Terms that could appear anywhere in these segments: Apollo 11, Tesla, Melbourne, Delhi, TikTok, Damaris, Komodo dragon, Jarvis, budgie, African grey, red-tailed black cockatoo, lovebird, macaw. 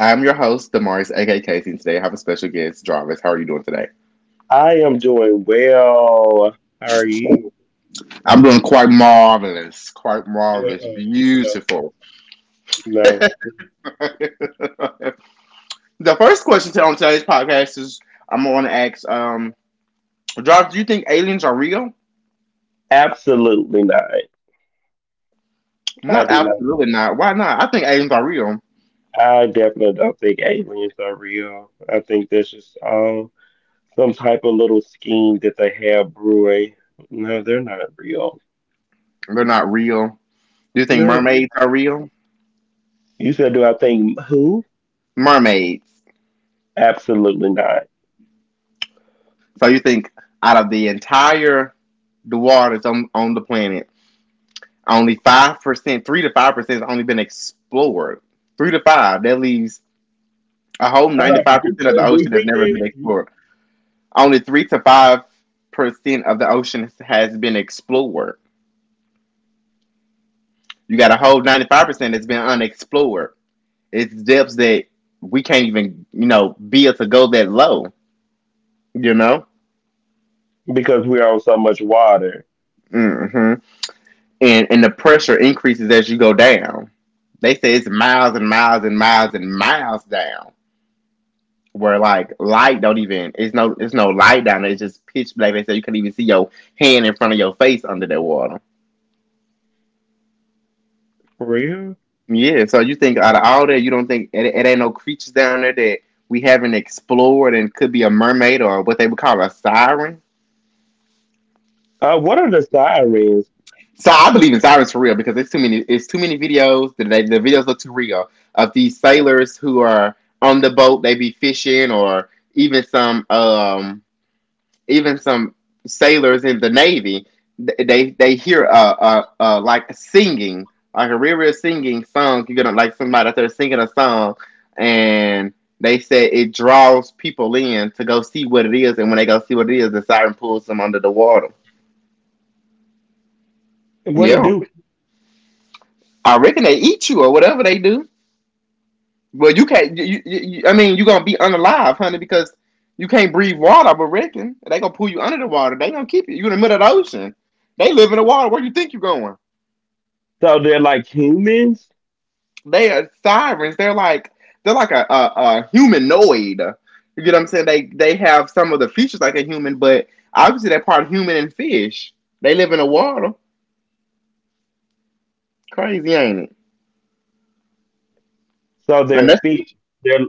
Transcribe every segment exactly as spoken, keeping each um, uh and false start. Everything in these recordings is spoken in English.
I'm your host, Damaris, aka Casey, and today I have a special guest, Jarvis. How are you doing today? I am doing well. How are you? I'm doing quite marvelous, quite marvelous, Mm-mm, no, beautiful. no, The first question to- on today's podcast is I'm going to ask, um, Jarvis, do you think aliens are real? absolutely not. I Not do not. absolutely not. Why not? I think aliens are real. I definitely don't think aliens are real. I think that's just um some type of little scheme that they have brewing. No, they're not real. They're not real. Do you think No, mermaids are real? you said, do I think who? Mermaids. Absolutely not. So you think out of the entire the waters on, on the planet, only five percent, three to five percent has only been explored. Three to five. That leaves a whole How do I ninety-five repeat percent of the that? ocean have Repeat never been that? explored. Only three to five percent of the ocean has been explored. You got a whole ninety-five percent that's been unexplored. It's depths that we can't even, you know, be able to go that low. You know. Because we're on so much water. hmm and and the pressure increases as you go down. They say it's miles and miles and miles and miles down. Where like light don't even it's no it's no light down there. It's just pitch black. They say you can't even see your hand in front of your face under that water. For real? Yeah, so you think out of all that, you don't think it, it ain't no creatures down there that we haven't explored and could be a mermaid or what they would call a siren. Uh, what are the sirens? So I believe in sirens for real because it's too many. It's too many videos. The, the videos look too real of these sailors who are on the boat. They be fishing, or even some, um, even some sailors in the navy. They they hear uh, uh, uh like singing, like a real real singing song. You're gonna like somebody out there singing a song, and they said it draws people in to go see what it is. And when they go see what it is, the siren pulls them under the water. What it Yeah, do? I reckon they eat you or whatever they do. Well, you can't. You, you, I mean, you're gonna be unalive, honey, because you can't breathe water. But reckon they gonna pull you under the water. They gonna keep you. You in the middle of the ocean. They live in the water. Where you think you are going? So they're like humans. They are sirens. They're like they're like a, a, a humanoid. You get what I'm saying? They they have some of the features like a human, but obviously they're part human and fish. They live in the water. Crazy, ain't it? So And their that's, feet. They're.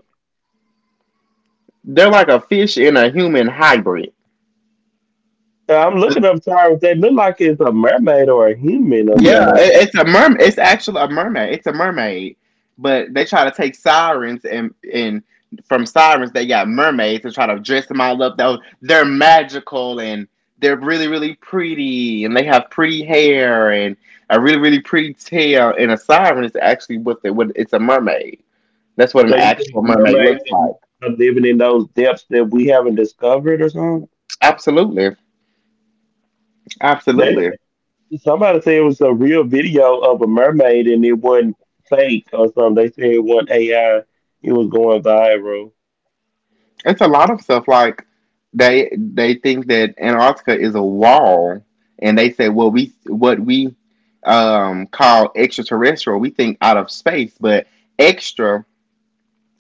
they're like a fish and a human hybrid. I'm looking up Tyrus. They look like it's a mermaid or a human or Yeah, something. it, it's a merm. It's actually a mermaid. It's a mermaid, but they try to take sirens and and from sirens they got mermaids to try to dress them all up. Though they're magical and they're really really pretty and they have pretty hair and a really really pretty tail. And a siren is actually what they what it's a mermaid. That's what an So you think actual mermaid mermaids looks like. are living in those depths that we haven't discovered or something? Absolutely, They absolutely. somebody said it was a real video of a mermaid, and it wasn't fake or something. They said it wasn't A I. It was going viral. It's a lot of stuff like they they think that Antarctica is a wall, and they say, well, we what we um, call extraterrestrial, we think out of space, but extra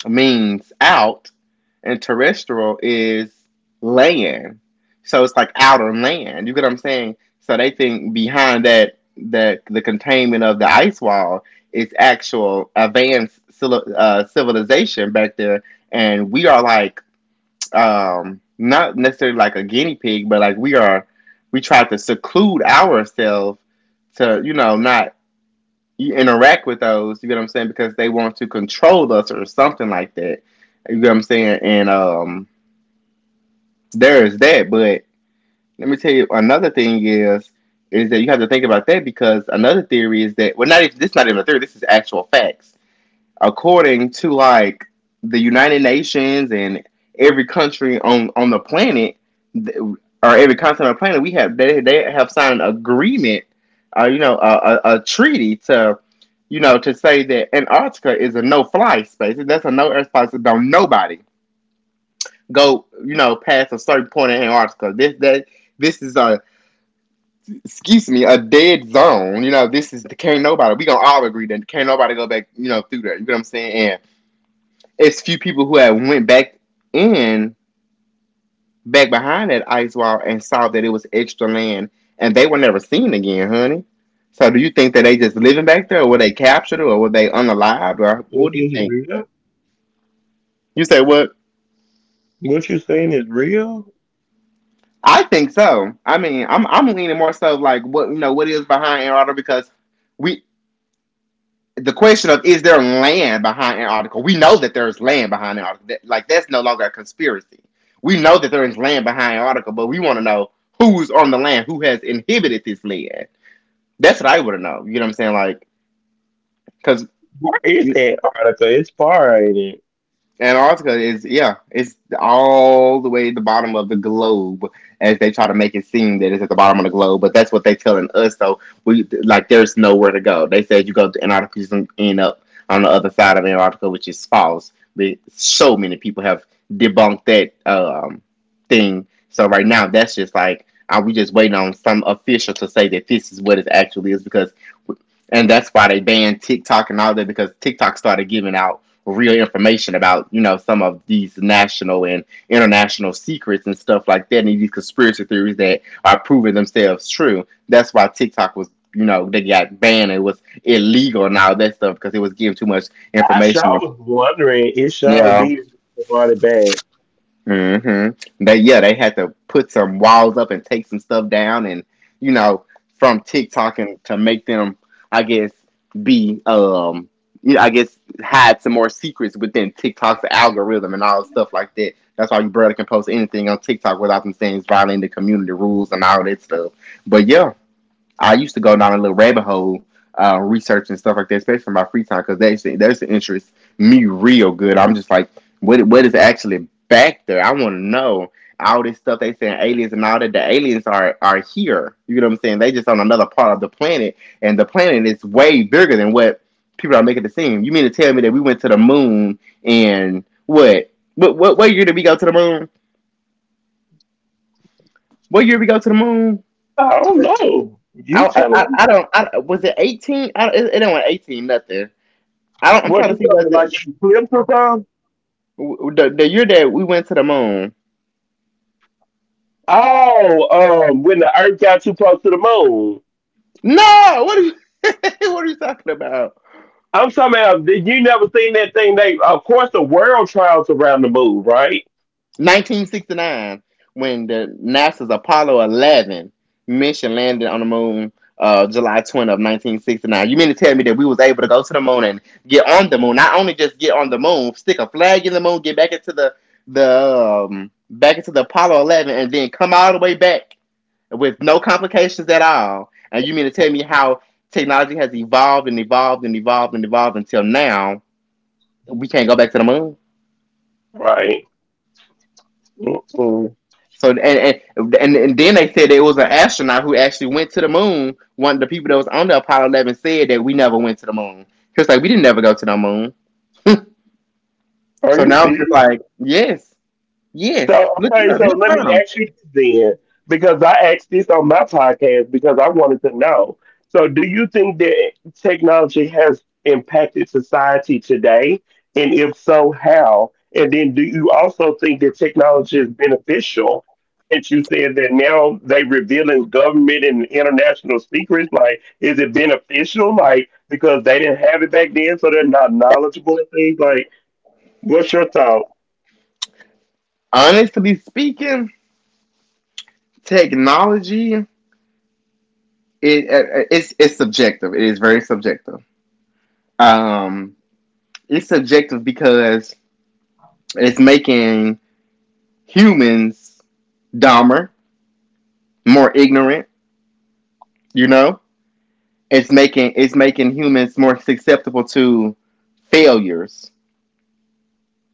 means out, and terrestrial is land. So it's like outer land. You get what I'm saying? So they think behind that that the containment of the ice wall is actual advanced uh, civilization back there, and we are like um, not necessarily like a guinea pig, but like we are, we try to seclude ourselves to, you know, not interact with those. You get what I'm saying? Because they want to control us or something like that. You get what I'm saying? And um, there is that. But let me tell you another thing is is that you have to think about that because another theory is that well, not if this is not even a theory. This is actual facts according to like the United Nations and every country on on the planet, or every continent on the planet, we have they they have signed an agreement, uh, you know, a, a, a treaty to, you know, to say that Antarctica is a no fly space. That's a no air space. Don't nobody go, you know, past a certain point in Antarctica. This that. This is a, excuse me, a dead zone. You know, this is can't nobody. We gonna all agree that can't nobody go back. You know, through there. You know what I'm saying? And it's few people who have went back in back behind that ice wall and saw that it was extra land and they were never seen again, honey. So do you think that they just living back there or were they captured or were they unalived or what What do you is think? real? You say what? What you saying is real? I think so. I mean, I'm I'm leaning more so like what you know what is behind Antarctica because we the question of is there land behind Antarctica? We know that there's land behind Antarctica. That- Like that's no longer a conspiracy. We know that there is land behind Antarctica, but we want to know who's on the land, who has inhibited this land. That's what I want to know. You know what I'm saying? Like, because It's Antarctica. It's far, ain't it? Antarctica is, yeah, it's all the way at the bottom of the globe as they try to make it seem that it's at the bottom of the globe, but that's what they're telling us. So we like there's nowhere to go. They said you go to Antarctica, you can end up on the other side of Antarctica, which is false. So many people have debunked that um, thing. So right now, that's just like, are we just waiting on some official to say that this is what it actually is? Because, and that's why they banned TikTok and all that, because TikTok started giving out real information about, you know, some of these national and international secrets and stuff like that, and these conspiracy theories that are proving themselves true. That's why TikTok was, you know, they got banned. It was illegal and all that stuff because it was giving too much I sure information. And, was wondering. It sure yeah, did brought it bad? hmm They yeah, they had to put some walls up and take some stuff down, and you know, from TikTok, and to make them, I guess, be um, you know, I guess, hide some more secrets within TikTok's algorithm and all the stuff like that. That's why you brother can post anything on TikTok without them saying it's violating the community rules and all that stuff. But yeah, I used to go down a little rabbit hole uh, researching stuff like that, especially in my free time, because that's that's the interest me real good. I'm just like, what what is actually back there? I want to know all this stuff they saying aliens and all that. The aliens are are here. You know what I'm saying? They just on another part of the planet, and the planet is way bigger than what people are making it seem. You mean to tell me that we went to the moon and what? What what, what year did we go to the moon? What year did we go to the moon? I don't know. You I I, telling I me, I don't. I, was it eighteen? I, it, it ain't eighteen. Nothing. I don't. I'm what trying to you see telling what me, the, like you eclipse or something? the the year that we went to the moon. Oh, um, when the Earth got too close to the moon. No. What are you? What are you talking about? I'm talking about, did You never seen that thing? They, of course, the world travels around the moon, right? nineteen sixty-nine, when the NASA's Apollo eleven mission landed on the moon, uh, July twenty of nineteen sixty-nine. You mean to tell me that we was able to go to the moon and get on the moon, not only just get on the moon, stick a flag in the moon, get back into the the um, back into the Apollo eleven, and then come all the way back with no complications at all? And you mean to tell me how technology has evolved and evolved and evolved and evolved until now we can't go back to the moon? Right. Mm-mm. So and and and, then they said it was an astronaut who actually went to the moon. One of the people that was on the Apollo Eleven said that we never went to the moon. He was like, we didn't never go to the moon. Are So you now I'm just serious? like, yes, yes. So Look it okay, up. so You'll let find me find them. ask you this then, because I asked this on my podcast because I wanted to know. So do you think that technology has impacted society today? And if so, how? And then do you also think that technology is beneficial? Since you said that now they revealing government and international secrets, like is it beneficial? Like because they didn't have it back then, so they're not knowledgeable and things. Like, what's your thought? Honestly speaking, technology, it, it it's it's subjective. It is very subjective. Um, it's subjective because it's making humans dumber, more ignorant. You know, it's making it's making humans more susceptible to failures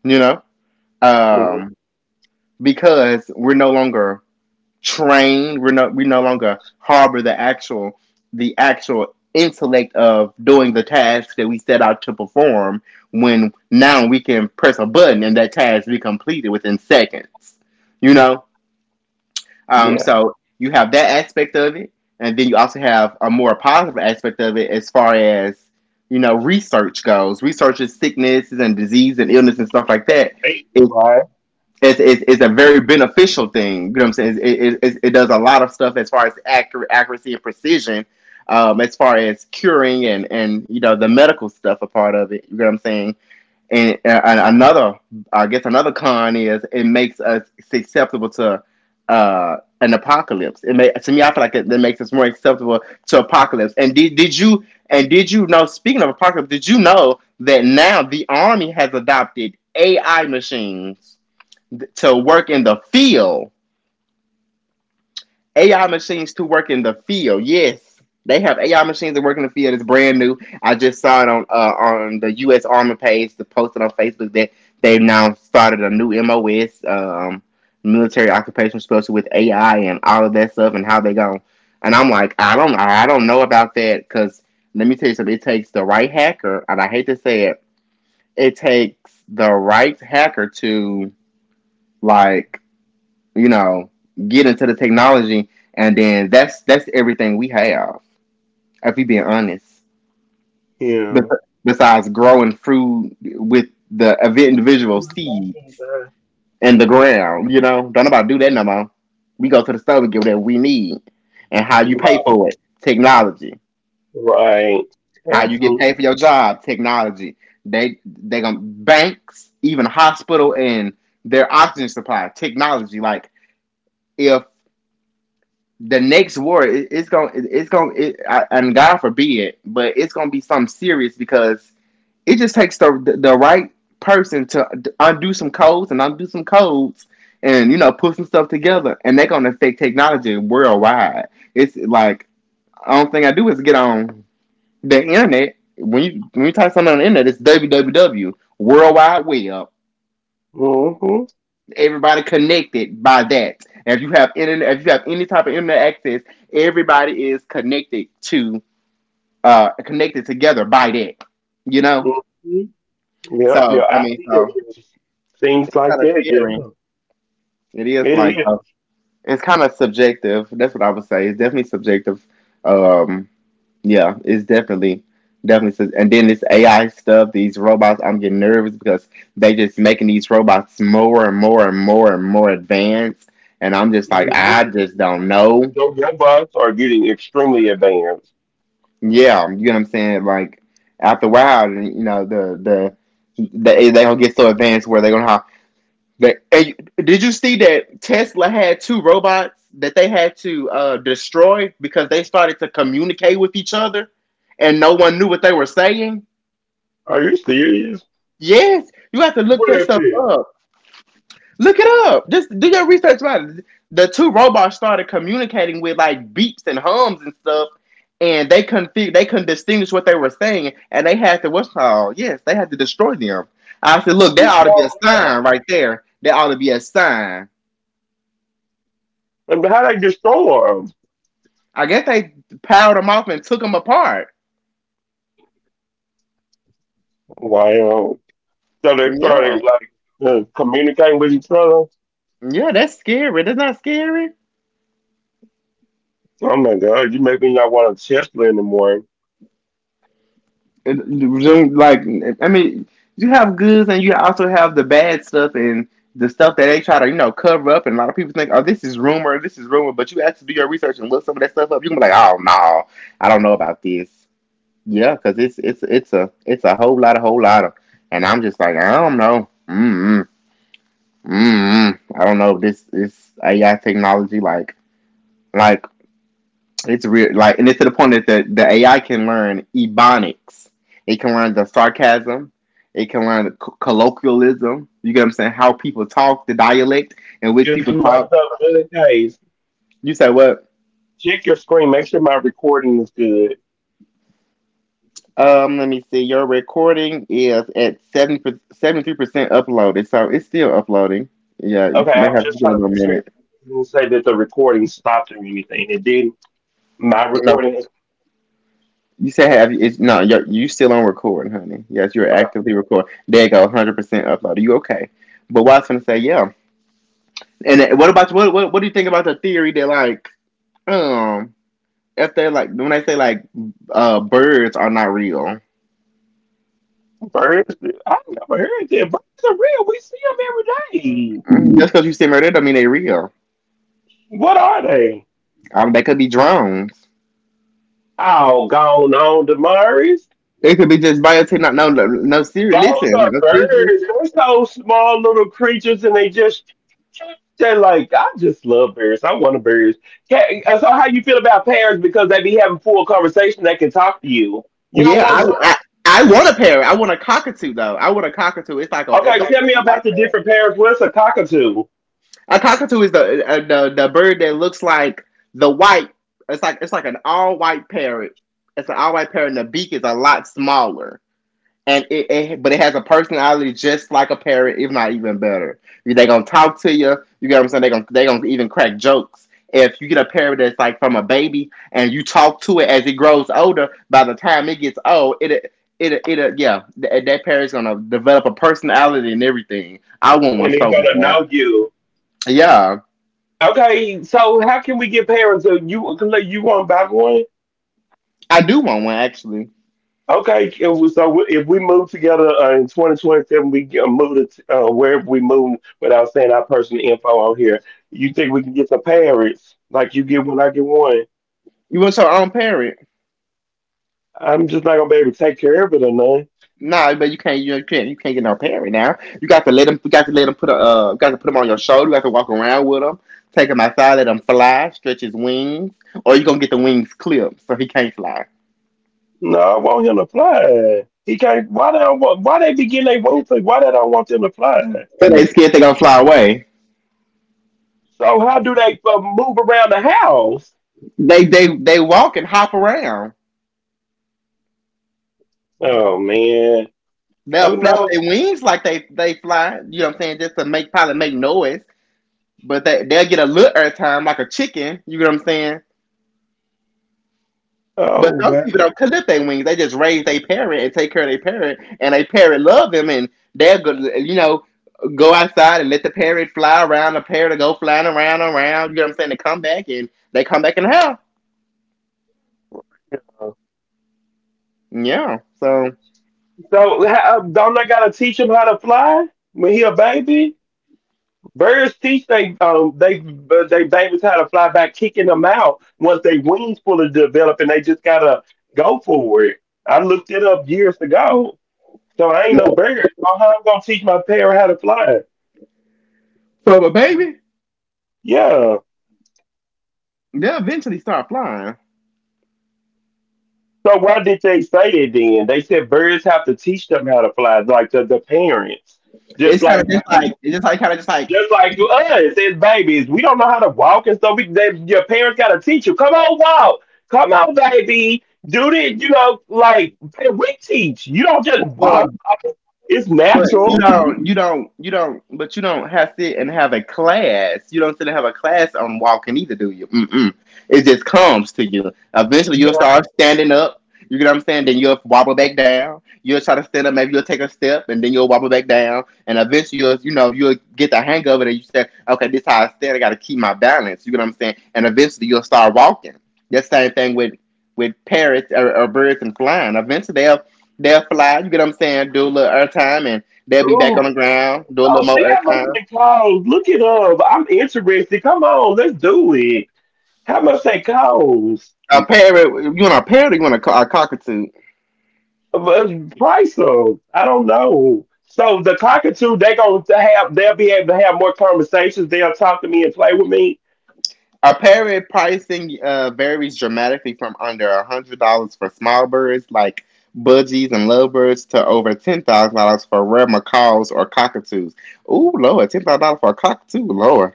you know Mhm. um because we're no longer trained we're no we no longer harbor the actual the actual intellect of doing the task that we set out to perform when now we can press a button and that task be completed within seconds. you know Um, Yeah, so you have that aspect of it, and then you also have a more positive aspect of it as far as you know research goes. Research is sicknesses and disease and illness and stuff like that. It, right. it's, it's, it's a very beneficial thing. You know what I'm saying? It, it, it, does a lot of stuff as far as accurate, accuracy and precision, um, as far as curing and, and, you know, the medical stuff a part of it. You know what I'm saying? and, uh, and another, I guess, another con is it makes us susceptible to uh, an apocalypse. It may, to me, I feel like it, it makes us more acceptable to apocalypse. And did did you and did you know? Speaking of apocalypse, did you know that now the army has adopted A I machines to work in the field? A I machines to work in the field. Yes, they have A I machines that work in the field. It's brand new. I just saw it on uh, on the U S. Army page. They posted on Facebook that they've now started a new M O S, um, military occupation special with A I and all of that stuff and how they go. And I'm like, I don't, I don't know about that because let me tell you something. It takes the right hacker, and I hate to say it, it takes the right hacker to like you know, get into the technology, and then that's that's everything we have. If we being honest, Yeah. Bes- besides growing food with the ev- individual seeds in the ground, you know, don't nobody do that no more. We go to the store, we get whatever we need, and how you pay Right. for it, technology. Right. How you get Absolutely. paid for your job, technology. They they gonna banks, even hospital, and their oxygen supply, technology. Like if the next war it, it's going to it's going to it, and God forbid, but it's going to be something serious because it just takes the the, right person to undo some codes and undo some codes and you know put some stuff together and they're going to affect technology worldwide. It's like I don't think I do is get on the internet when you when you type something on the internet. It's www worldwide web, Mm-hmm. everybody connected by that. And if you have internet, if you have any type of internet access, everybody is connected to uh connected together by that. You know, Mm-hmm. Yep. so Your I mean, ideas, so your things it's like kind of that. scary. Yeah. It is It like so. is. It's kind of subjective. That's what I would say. It's definitely subjective. Um, Yeah, it's definitely definitely says, and then this A I stuff, these robots, I'm getting nervous because they just making these robots more and more and more and more advanced, and I'm just like I Mhm. just don't know. Your robots are getting extremely advanced. Yeah, you know what I'm saying? Like after a while, you know, the the they they gonna get so advanced where they're gonna have, they, and you- did you see that Tesla had two robots that they had to uh, destroy because they started to communicate with each other and no one knew what they were saying? Are you serious? Yes, you have to look What that if stuff it? up. Look it up. Just do your research about it. The two robots started communicating with like beeps and hums and stuff, and they couldn't fig- they couldn't distinguish what they were saying, and they had to, what's it called, yes, they had to destroy them. I said, look, that ought to be Destroy a them. sign right there. That ought to be a sign. And how they destroy them? I guess they powered them off and took them apart. Wow. So they Yeah, started like uh, communicating with each other. yeah, that's scary. That's not scary. Oh my God! You make me not want a Tesla anymore. it- like I mean, you have goods and you also have the bad stuff and the stuff that they try to you know cover up. And a lot of people think, oh, this is rumor, this is rumor. But you actually do your research and look some of that stuff up. You can be like, oh no, I don't know about this. Yeah, because it's it's it's a it's a whole lot of whole lot of, and I'm just like I don't know. Mm mm mm. mm. I don't know if this is A I technology, like like it's real, like, and it's to the point that the, the A I can learn ebonics. It can learn the sarcasm. It can learn the co- colloquialism. You get what I'm saying? How people talk, the dialect in which Is people my talk. stuff good? Guys, You said what? check your screen. Make sure my recording is good. Um, let me see. Your recording is at seventy, seventy three percent uploaded, so it's still uploading. Yeah, you Okay, may I'm have to just get trying a to little make sure it minute. didn't say that the recording stopped or anything. It didn't. My No, recording is you said have it's no. You're, you still on recording, honey. Yes, you're okay. actively recording. There you go, one hundred percent uploaded. You okay? But what I was gonna say, yeah. And what about what, what? What do you think about the theory that like um if they like when they say like uh birds are not real? Birds, I never heard that. Birds are real. We see them every day. Mm, just because you see them right there don't mean they real. What are they? Um, they could be drones. Oh, gone on, Damaris. They could be just biotech. No, no, no. no ser- Those Listen, are no, seriously. birds. They're so small little creatures, and they just they're like, I just love birds. I want a bird. Ca- uh, So how you feel about parrots because they be having full conversation? They can talk to you. You don't Yeah, want. I, I I want a parrot. I want a cockatoo though. I want a cockatoo. It's like a it Okay, looks tell like me a white about the parrot. different parrots. What's a cockatoo? A cockatoo is the uh, the the bird that looks like the white. It's like it's like an all white parrot. It's an all white parrot, and the beak is a lot smaller. and it, it but it has a personality just like a parrot, if not even better. They're gonna talk to you. You get what I'm saying? They're gonna they gonna even crack jokes. If you get a parrot that's like from a baby and you talk to it as it grows older, by the time it gets old, it it it it yeah, that, that parrot's gonna develop a personality and everything. I want one And it's so gonna bad. know you. Yeah, Okay, so how can we get parrots? So you you want to buy one? I do want one actually. Okay, it was- so if we move together uh, in twenty twenty-seven, we get, uh, move to t- uh, wherever we move without saying our personal info on here. You think we can get some parrots? Like you get one, I get one. You want your own parrot? I'm just not gonna be able to take care of it or nothing. No, but you can't. You can't. You can't get no parent now. You got to let them. You got to let them put a. Uh, you got to put them on your shoulder. You got to walk around with them. Take him outside. Let him fly. Stretch his wings. Or you are gonna get the wings clipped so he can't fly. No, I want him to fly. He can't. Why they don't want? Why they be getting their wings, like, why they don't want them to fly? But they scared they gonna fly away. So how do they uh, move around the house? They they they walk and hop around. Oh man. They'll Oh flap no. their wings like they they fly. You know what I'm saying? Just to make probably make noise. But they they'll get a little air time like a chicken. You know what I'm saying? Oh But some wow. people don't clip their wings. They just raise their parrot and take care of their parrot, and they parrot love them, and they'll go, you know, go outside and let the parrot fly around. The parrot will go flying around, and around. You know what I'm saying? They come back and they come back in the house. Yeah. So, So how, uh, don't I gotta teach him how to fly when he a baby? Birds teach they um they uh, they babies how to fly by kicking them out once they wings fully develop and they just gotta go for it. I looked it up years ago, so I ain't no bird. Oh, how I'm gonna teach my parrot how to fly? so but baby, Yeah. they'll eventually start flying. So why did they say that then? They said birds have to teach them how to fly, like the, the parents. Just It's kind like of just like it's just like kind of just like. Just like to us as babies, we don't know how to walk and stuff. We, they, your parents got to teach you. Come on, walk. Come on, baby. Do this. You know, like hey, we teach. You don't just walk. I mean, it's But you natural. don't, you don't, you don't, but you don't have sit and have a class. You don't sit and have a class on walking either, do you? Mm-mm. It just comes to you. Eventually, you'll Yeah. start standing up. You get what I'm saying? Then you'll wobble back down. You'll try to stand up. Maybe you'll take a step, and then you'll wobble back down. And eventually, you'll, you know, you'll get the hang of it, and you say, "Okay, this how I stand. I got to keep my balance." You get what I'm saying? And eventually, you'll start walking. The same thing with with parrots or, or birds and flying. Eventually, they'll they'll fly. You get what I'm saying? Do a little air time, and they'll be back on the Ooh. ground, do a So little more see, air I'm looking time. at clothes. Look it up. I'm interested. Come on, let's do it. How much they cost? A parrot. You want a parrot? Or you want a, co- a cockatoo? But price them. I don't know. So the cockatoo, they gonna have. They'll be able to have more conversations. They'll talk to me and play with me. Apparent pricing uh, varies dramatically from under one hundred dollars for small birds like budgies and lovebirds to over ten thousand dollars for rare macaws or cockatoos. Ooh, Lord, ten thousand dollars for a cockatoo, Lord.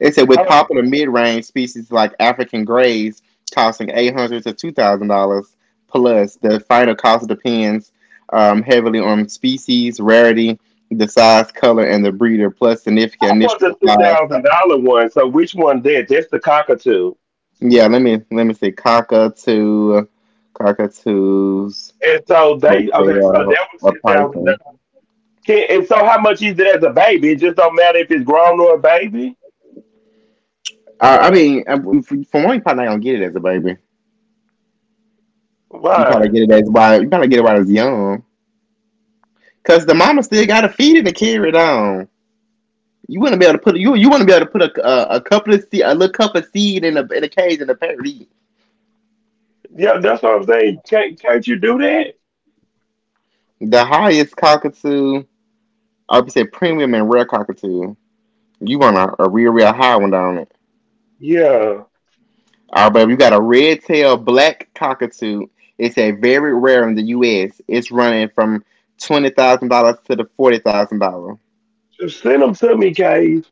It said, with popular mid-range species like African greys costing eight hundred dollars to two thousand dollars plus. The final cost depends um, heavily on species, rarity, the size, color, and the breeder, plus significant I initial bought the ten supplies. thousand dollar one. So which one did? That's the cockatoo. Yeah, let me let me see. Cockatoo, cockatoos And so they versus okay. So uh, that was a ten thousand python. dollars. And so how much is it as a baby? It just don't matter if it's grown or a baby. Uh, I mean, uh, if- for one, you probably not gonna get it as a baby. You probably Why? get it as while you probably get it while it's young, cause the mama still gotta feed it and carry it on. You wouldn't be able to put you you wouldn't be able to put a a, a couple of seed a little cup of seed in a in a cage and a parrot eat. Yeah, that's what I'm saying. Can't can't you do that? The highest cockatoo, I would say premium and rare cockatoo. You want a, a real real high one down. Yeah, All right, but we got a red-tailed black cockatoo. It's a very rare in the U S. It's running from twenty thousand dollars to the forty thousand dollars. just send them to me, Cave.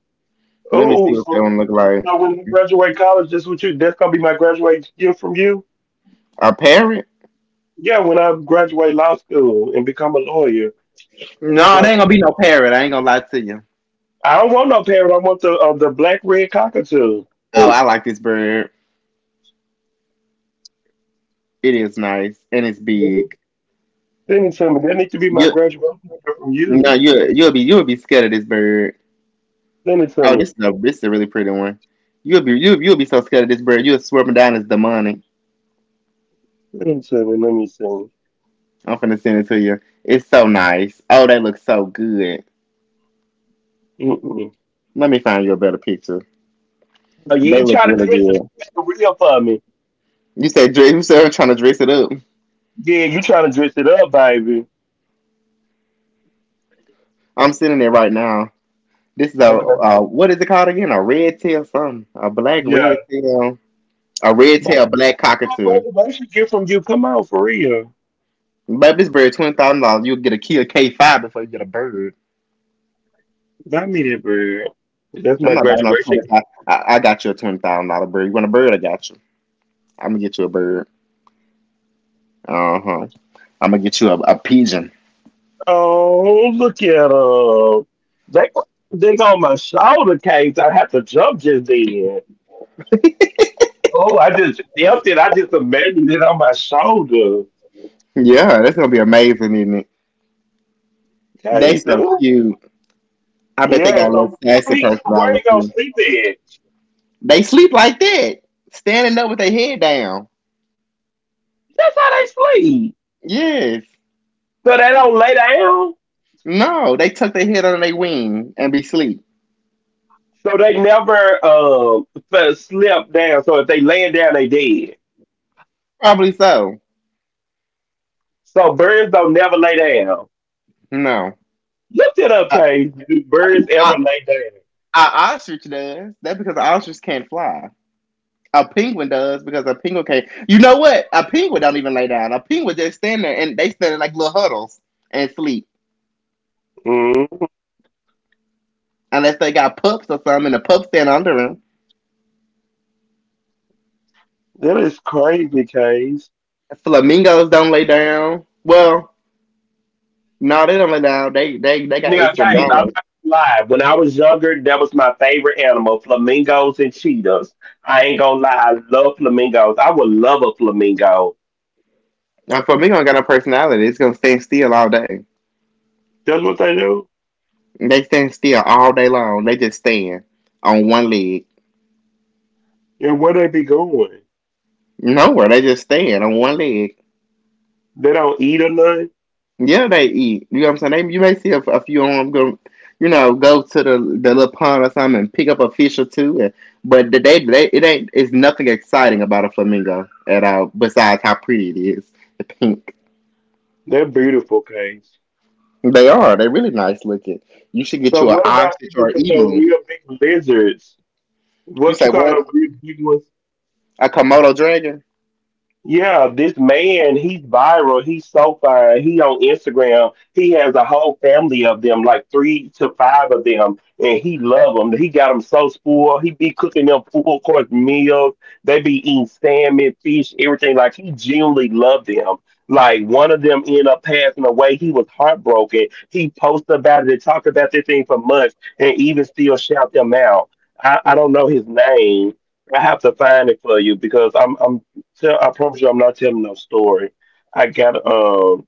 Let me Oh, see what that so one look like. so when you graduate college, that's what you. That's gonna be my graduation gift from you. A parrot? Yeah, when I graduate law school and become a lawyer, No, it ain't right? gonna be no parrot. I ain't gonna lie to you. I don't want no parrot. I want the uh, the black red cockatoo. Oh, I like this bird. It is nice and it's big. Send it to me. That needs to be my You graduation gift from no, you. you you'll be you'll be scared of this bird. Send it to Oh, me. this is a this is a really pretty one. You'll be you'll, you'll be so scared of this bird. You'll swerve down as demonic. Send it to me. Let me see. I'm finna send it to you. It's so nice. Oh, they look so good. Mm-mm. Let me find you a better picture. No, you They ain't look trying to really dress it good. up for real for me. You said dress. You said I'm trying to dress it up. Yeah, you trying to dress it up, baby. I'm sitting there right now. This is a Okay. uh, what is it called again? A red tail something. A black Yeah. red tail. A red But tail black my cockatoo. graduation gift from you. Come on, for real. Baby, this bird twenty thousand dollars. You'll get a kill K five before you get a bird. Buy me that bird. That's I'm my not buying no graduation twenty gift. five. I, I got you a twenty thousand dollar bird. You want a bird? I got you. I'm gonna get you a bird. Uh huh. I'm gonna get you a, a pigeon. Oh, look at her. They, they on my shoulder, Case. I have to jump just then. Oh, I just jumped it. I just imagined it on my shoulder. Yeah, that's gonna be amazing, isn't it? They Case. so cute. I bet they Yeah, got a little so sassy where he, where personality he gonna too. sleep at? They sleep like that, standing up with their head down. That's how they sleep. Yes. So they don't lay down. No, they tuck their head under their wing and be sleep. So they never um f- slip down. So if they laying down, they dead. Probably so. So birds don't never lay down. No. Look it up, A, Case. Do birds a, ever lay down? a ostrich does. That's because an ostrich can't fly. A penguin does because a penguin can't. You know what? A penguin don't even lay down. A penguin just stand there and they stand in like little huddles and sleep. Mm, Unless they got pups or something and the pups stand under them. that is crazy, Case. Flamingos don't lay down. Well, no, they don't let down. They they they got Now, extra Case, I'm knowledge. not gonna lie. When I was younger, that was my favorite animal: flamingos and cheetahs. I ain't gonna lie, I love flamingos. I would love a flamingo. Now, for me, I got no personality. It's gonna stand still all day. That's what they do. They stand still all day long. They just stand on one leg. And where they be going? Nowhere. They just stand on one leg. They don't eat or nothing. Yeah, they eat. You know what I'm saying? They, you may see a, a few of them go, you know, go to the the little pond or something and pick up a fish or two. And, but they, they it ain't. It's nothing exciting about a flamingo at all. Besides how pretty it is, the pink. They're beautiful, Case. They are. They're really nice looking. You should get So you an what about ostrich people or that an are emu. real big lizards? You What say you call what? them big, big ones? A Komodo dragon? Yeah, this man, he's viral. He's so fine. He on Instagram. He has a whole family of them, like three to five of them, and he love them. He got them so spoiled. He be cooking them full course meals. They be eating salmon, fish, everything. Like he genuinely loved them. Like one of them ended up passing away. He was heartbroken. He posted about it and talked about this thing for months, and even still shout them out. I, I don't know his name. I have to find it for you because I'm I'm tell, I promise you, I'm not telling no story. I got um,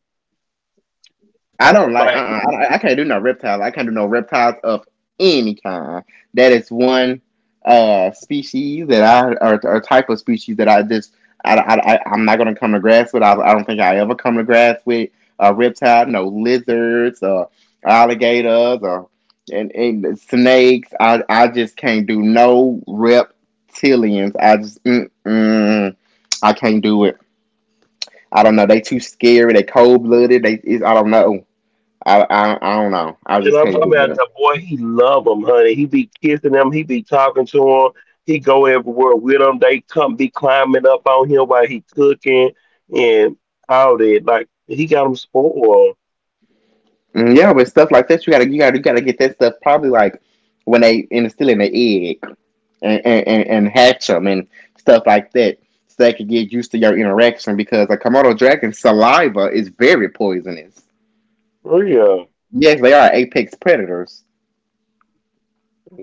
I don't like. Uh. like, uh I, I can't do no reptiles. I can't do no reptiles of any kind. That is one uh species that I or, or type of species that I just I, I, I I'm not gonna come to grasp with. I, I don't think I ever come to grasp with a reptile. No lizards or alligators or and, and snakes. I I just can't do no reptilians. I just mm, mm, I can't do it. I don't know. They too scary. They cold blooded. They is I don't know. I, I I don't know. I and just I'm can't do talking about that. the boy. He love him, honey. He be kissing them. He be talking to him. He go everywhere with him. They come be climbing up on him while he cooking and all that. Like he got him spoiled. Mm, Yeah, but stuff like that, you gotta you gotta you gotta get that stuff probably like when they in still in the egg and, and, and, and hatch them and stuff like that, so they could get used to your interaction because a Komodo dragon saliva is very poisonous. For real. Yes, they are apex predators.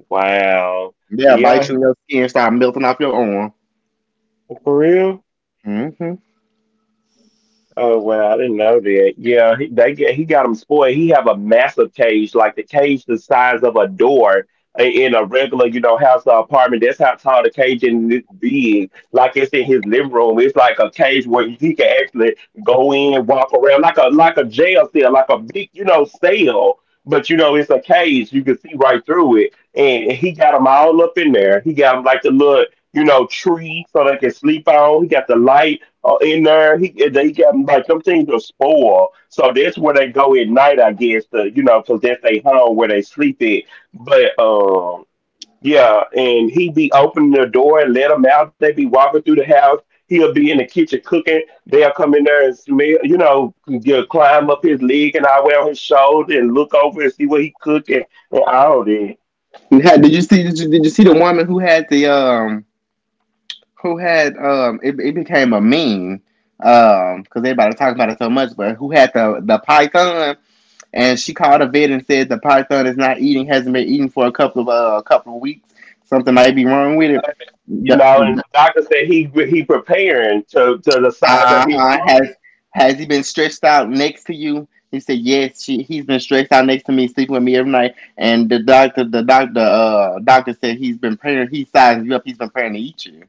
Wow. They'll bite Yeah, you in your skin, start melting off your arm. for real. Hmm. Oh well, I didn't know that. Yeah, he, they get, he got him spoiled. He have a massive cage, like the cage the size of a door i- in a regular, you know, house or apartment. That's how tall the cage in this big. Like it's in his living room. It's like a cage where he can actually go in and walk around, like a like a jail cell, like a big, you know, cell. But you know, it's a cage. You can see right through it. And he got them all up in there. He got them like the little, you know, tree so they can sleep on. He got the light uh, in there. He they got like them things are spoiled, so that's where they go at night, I guess. To, you know, because that's they home where they sleep at. But um, yeah, and he be opening the door and let them out. They be walking through the house. He'll be in the kitchen cooking. They'll come in there and smell, you know, you'll climb up his leg and I wear on his shoulder and look over and see what he cooking and all that. You had, did you see? Did you, did you see the woman who had the um? who had um it, it became a meme um because everybody talking about it so much, but who had the the python, and she called a vet and said the python is not eating, hasn't been eating for a couple of uh, a couple of weeks, something might be wrong with it You know, and the the, doctor said he he preparing to to the size that he uh-huh. has has he been stretched out next to you, he said. Yes, she, he's been stretched out next to me sleeping with me every night. And the doctor, the doctor uh doctor said he's been praying. He sizing you up, he's been praying to eat you.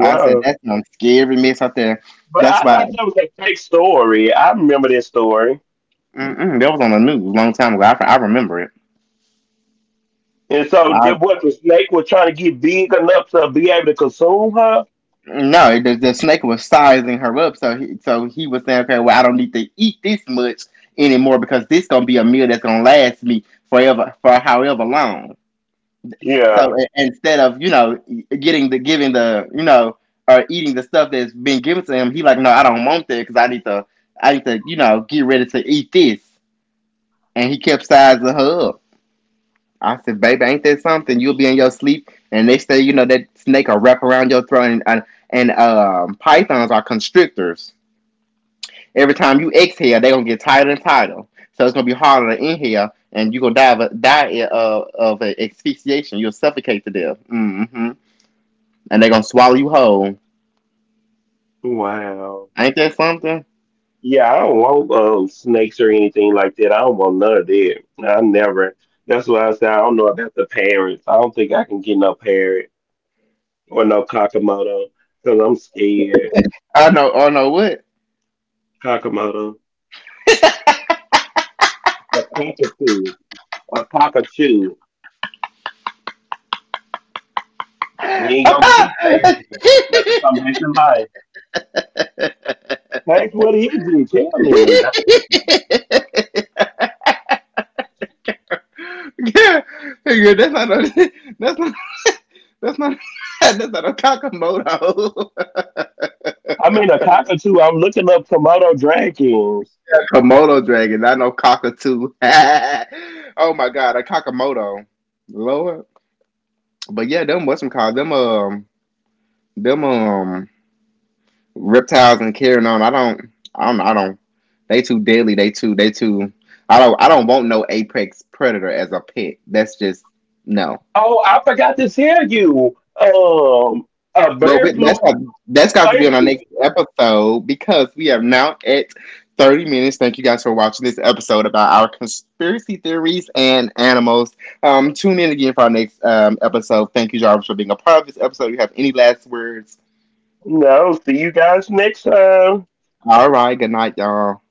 I said, that's some scary mess out there. But I That's why. thought that was a fake story. I remember this story. Mm-mm, that was on the news a long time ago. I, I remember it. And so I the what the snake was trying to get big enough to be able to consume her? No, the, the snake was sizing her up, so he, so he was saying, okay, well, I don't need to eat this much anymore because this gonna be a meal that's gonna last me forever for however long. So Yeah. i- instead of, you know, e, getting the giving the you know, or eating the stuff that's been given to him, he like, no, I don't want that because I need to I need to, you know, get ready to eat this, and he kept sizing her up. I said, baby, ain't that something? You'll be in your sleep, and next thing you know, that snake will wrap around your throat, and and, and um, pythons are constrictors. Every time you exhale, they're gonna get tighter and tighter. So it's gonna be harder to inhale, and you're gonna die of, a, die of, of a asphyxiation. You'll suffocate to death. Mm-hmm. And they're gonna swallow you whole. Wow. Ain't that something? Yeah, I don't want um, snakes or anything like that. I don't want none of that. I never. That's why I said I don't know about the parrots. I don't think I can get no parrot or no kakamoto because I'm scared. I know. I know what. Kakamoto. A cockatoo. A cockatoo. You ain't gonna keep that. That's a combination life. That's what he did. Tell me. Yeah, yeah, that's not a that's not that's not that's not a Kakamoto. I mean, a cockatoo. I'm looking up Komodo dragons. Komodo dragon, not no cockatoo. Oh my god, a Kakamoto. Lord. But yeah, them, what's them called? Them um them um reptiles and carrying on. I don't I don't I don't they too deadly, they too they too I don't I don't want no apex predator as a pet. That's just no. Oh, I forgot to tell you. Um, a Well, bear we- flew. that's in got, that's the got to be on our next Thanksgiving. episode because we are now at thirty minutes. Thank you guys for watching this episode about our conspiracy theories and animals. Um, tune in again for our next um, episode. Thank you, Jarvis, for being a part of this episode. You have any last words? No, see you guys next time. All right, good night, y'all.